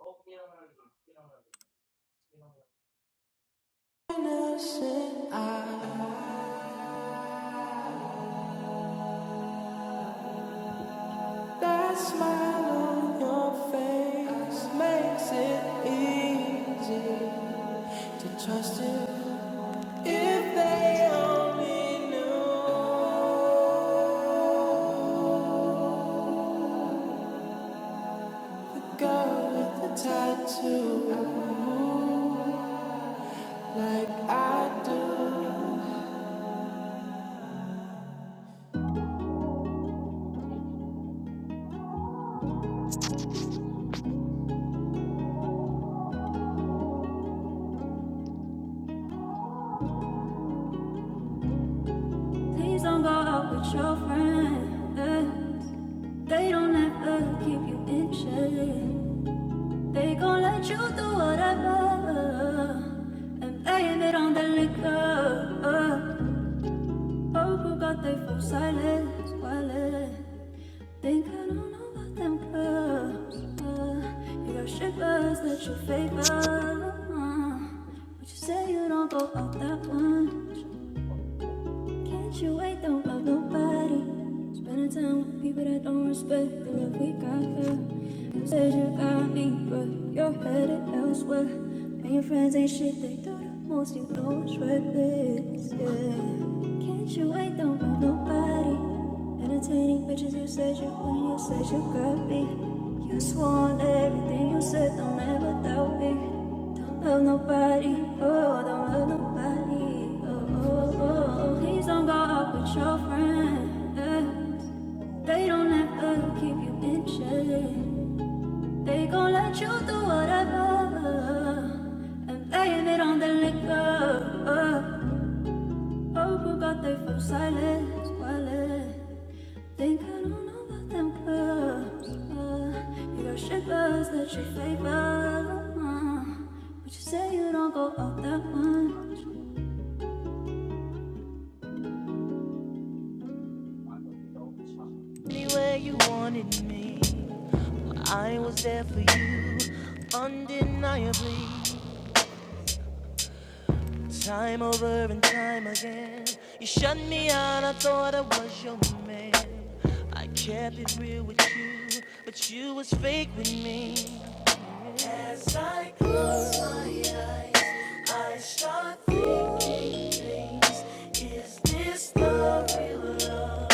Let's see. Innocent eye. That smile on your face makes it easy to trust you. If they only knew the girl with the tattoo, like I do. Please don't go out with your friends. They don't ever keep you in check. They gon' let you do whatever and blame it on the liquor. People got they phone silence, wireless. Think I don't know about them clubs. Uh, you got shippers that you favor, uh, but you say you don't go out that much. Can't you wait? Don't love nobody. Spending time with people that don't respect the love we got here. You said you got me, but you're headed elsewhere. And your friends ain't shit, they do the most. You know it's reckless, yeah. Can't you wait? Don't love nobody. Entertaining bitches, you said you would, you said you got me. You swore on everything you said, don't ever doubt me. Don't love nobody, oh, don't love nobody, oh, oh, oh. Oh, please don't go out with your friends. They don't ever keep you in check. They gon' let you do whatever. And blame it on the liquor. Oh, forgot they felt silence, quiet. Think I don't know about them clubs. Uh, you got shippers that you favor. Uh, but you say you don't go out that much. me where you wanted me. I was there for you, undeniably. Time over and time again. You shut me out, I thought I was your man. I kept it real with you, but you was fake with me. As I close my eyes, I start thinking things. Is this the real love?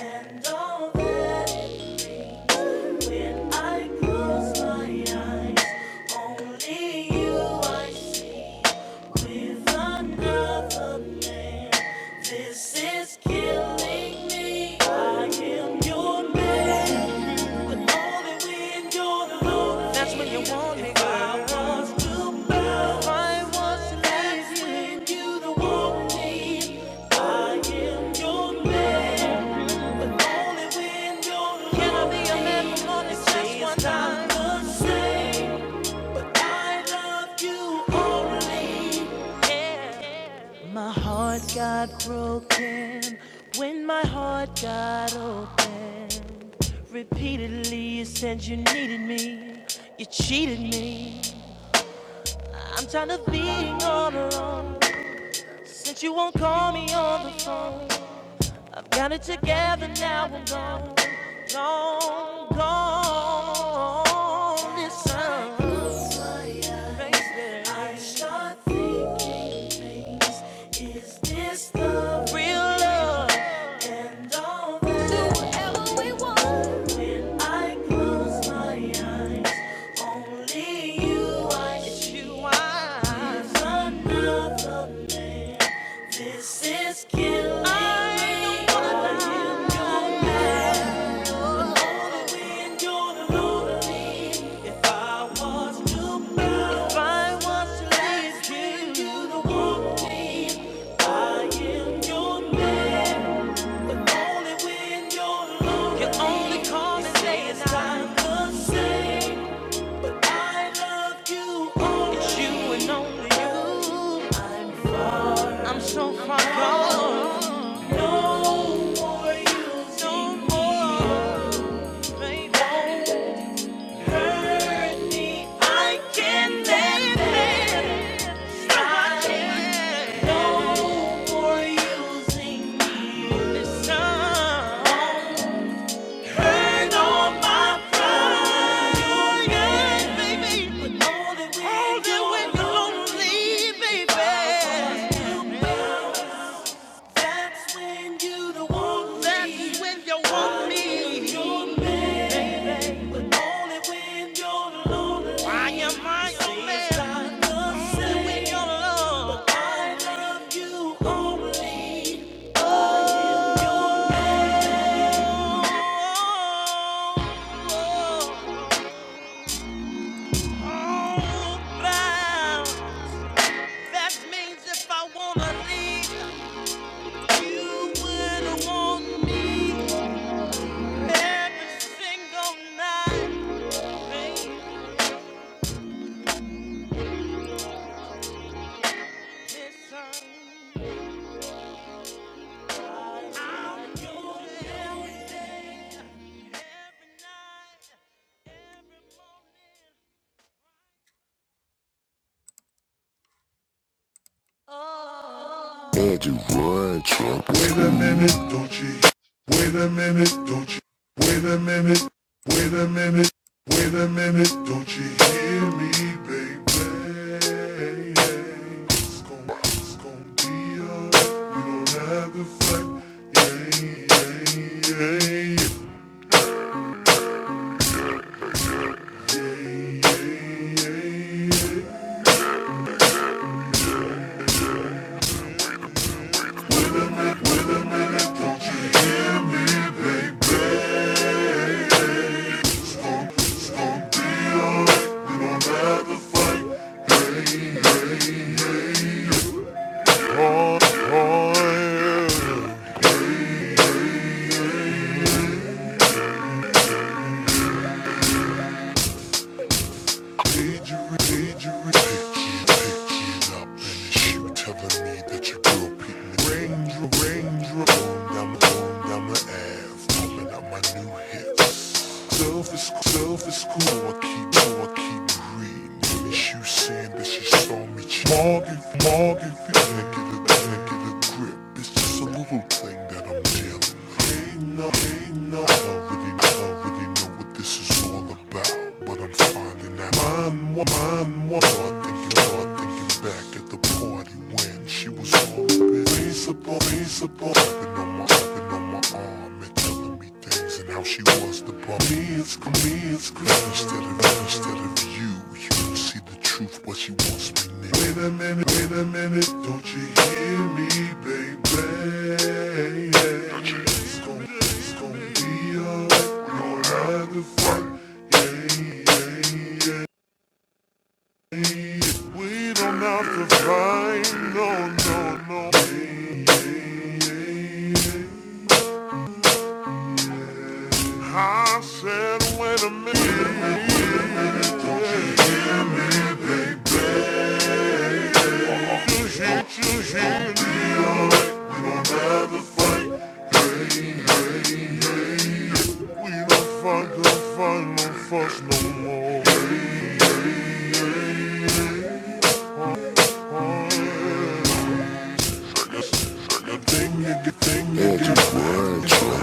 And all that it brings. When I close my eyes, only you I see. With another this is killing me. I am your man. The more that we endure, the more that's when you want me, girl. I was to bow. I was to leave you do want me. I am your man. The more that we endure, the more Can I be your man for more than just one time? The same. I love you only. Yeah. My heart I'm got right on. broken when my heart got open. Repeatedly, you said you needed me, you cheated me. I'm tired of being all There's. alone Everything in since you won't call me on the phone. I've got it together now. I'm gone, gone, gone. Listen, baby. I start thinking things. Is this the real love? And all that. Do whatever we want. When I close They not. my oh, eyes, Stop. only you. I, it's you. I. It's another man. This is killing me. If I was to bow, if I was to leave you, you don't want me. I am your man. Only when you're alone, you only call and say it's time to say I love you. Only it's you and only you. I'm so far Why should you step gone. back? No more You just gonna using me. do that and that. baby. Don't hurt me. I can't let I think it you breathe. but- stop. No more using me. Oh, Listen. beautiful. I'm out. Don't hurt all my Okay. pride. The, the Yeah, baby. But know that we All that we're gonna baby. That's when you want me. That's when you want me. but only when you're lonely. Why am I your man? I love you only. I am your man. That means if I wanna leave, you wouldn't want me. Every single night, baby, listen. I'll do everything, every night, every morning. Oh. Wait a minute, don't you? Wait a minute, don't you? Wait a minute. Wait a minute. Wait a minute, don't you hear me, baby? It's gon' it's gon' be up. You don't have to fight. Yeah, yeah, yeah. yeah. Oh, oh, yeah. Love is cool, I keep, oh, I keep reading. And it's you saying that she saw me cheat. Morgan, Morgan, I can't get a, I get a grip. It's just a little thing that I'm dealing with. Ain't no, ain't no. I already, I already know what this is all about all about, but I'm finding out. Mine, wa- mine, one thinking, one thinking back at the party when she was on the bed. Face up on, face up open on my, open on my arm and telling me things and how she was the bum. It's convinced, instead of, instead of you, you can see the truth, what she wants me now. Wait a minute, wait a minute, don't you hear me, baby? It's gonna, it's gonna be alright. Gonna have to fight. Yeah, yeah, yeah. We don't have to fight. No, no, no. Yeah, yeah, yeah. I said, wait a minute. Shit, you shit, you Well, those alright. sauce on them, We since don't you don't need have any to sauce, yeah, fight. you don't need We don't fight, don't fight, no fuss no to more. understand that. I mean,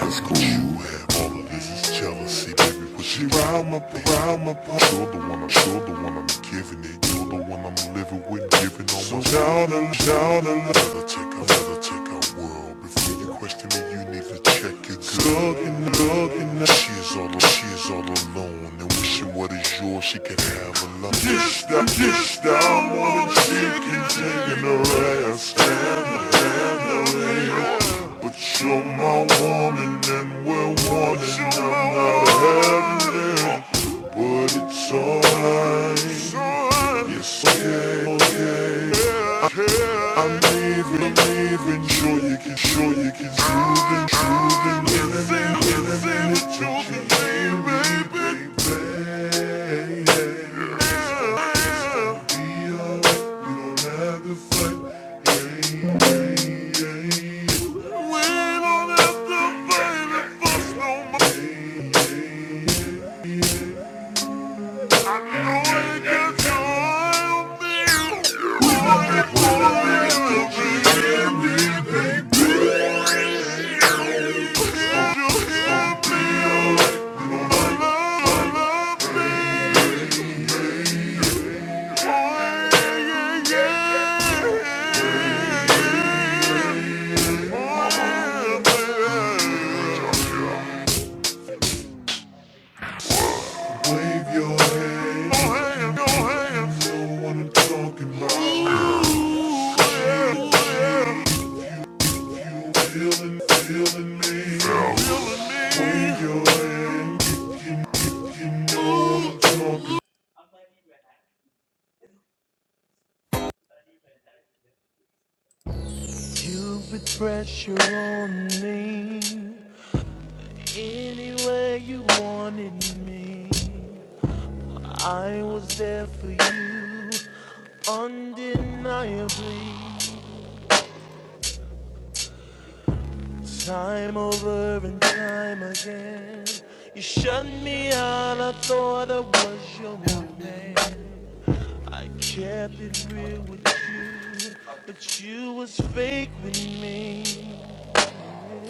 that's good. Uh She rhyme up, Oh. rhyme up, you're the one, I'm sure the one I'm giving no, it. You're hey, the I one ain't gonna I'm turn living with, this giving all off. so my down I and think I feel down that. and Better take a, better take a All world. right, Before you right question me, you need to check it here, good. right here. Looking, looking, she is all, she is all alone and wishing what is yours she can have alone. Dish down, That's an dish evil. down, wanna chicken, taking her ass down. Do that. But you're my woman and we're one and I'm not heaven But it's alright It's okay, okay I, I'm leaving, leaving Sure you can, sure you can Choosing, choosing Living, Oh my living god, it I actually don't Choosing, need to do that. baby, So, if baby baby. uh, Yeah it's gonna be up, We don't have to fight. Yeah, yeah, yeah. yeah, yeah. Wave your hands, your I actually hands, your don't need that. hands. to do it. Oh, I'm actually just cooking it. You're right. Uh, He's like, oh, yeah. I have a card You know what I'm talking about. Ooh, yeah, yeah. Feeling, Oh. feeling me, feeling um, oh, me. Wave your hand. I'm not even, You I'm not even happy. put pressure on me any way you wanted me. I was there for you undeniably. Time over and time again. You shut me out, I thought I was your No, the man. man. I kept it real with you, but you was fake with me.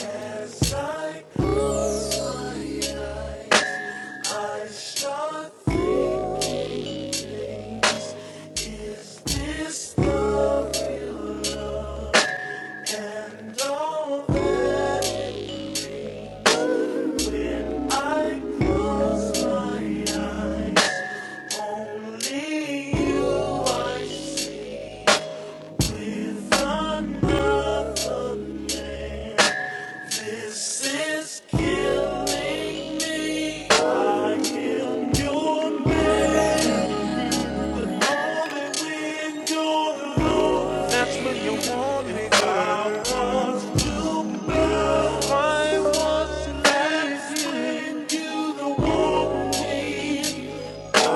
As I close my eyes, I start thinking Is this the love? And all that I close my eyes, only you with another. This is killing me. I am your man. Only when you're alone. That's when you want me. I want to burn. I want that's when you don't want me.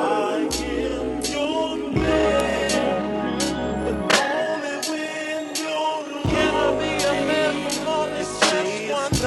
I am your man. Only when you're alone. Can I be a man for more than just one night?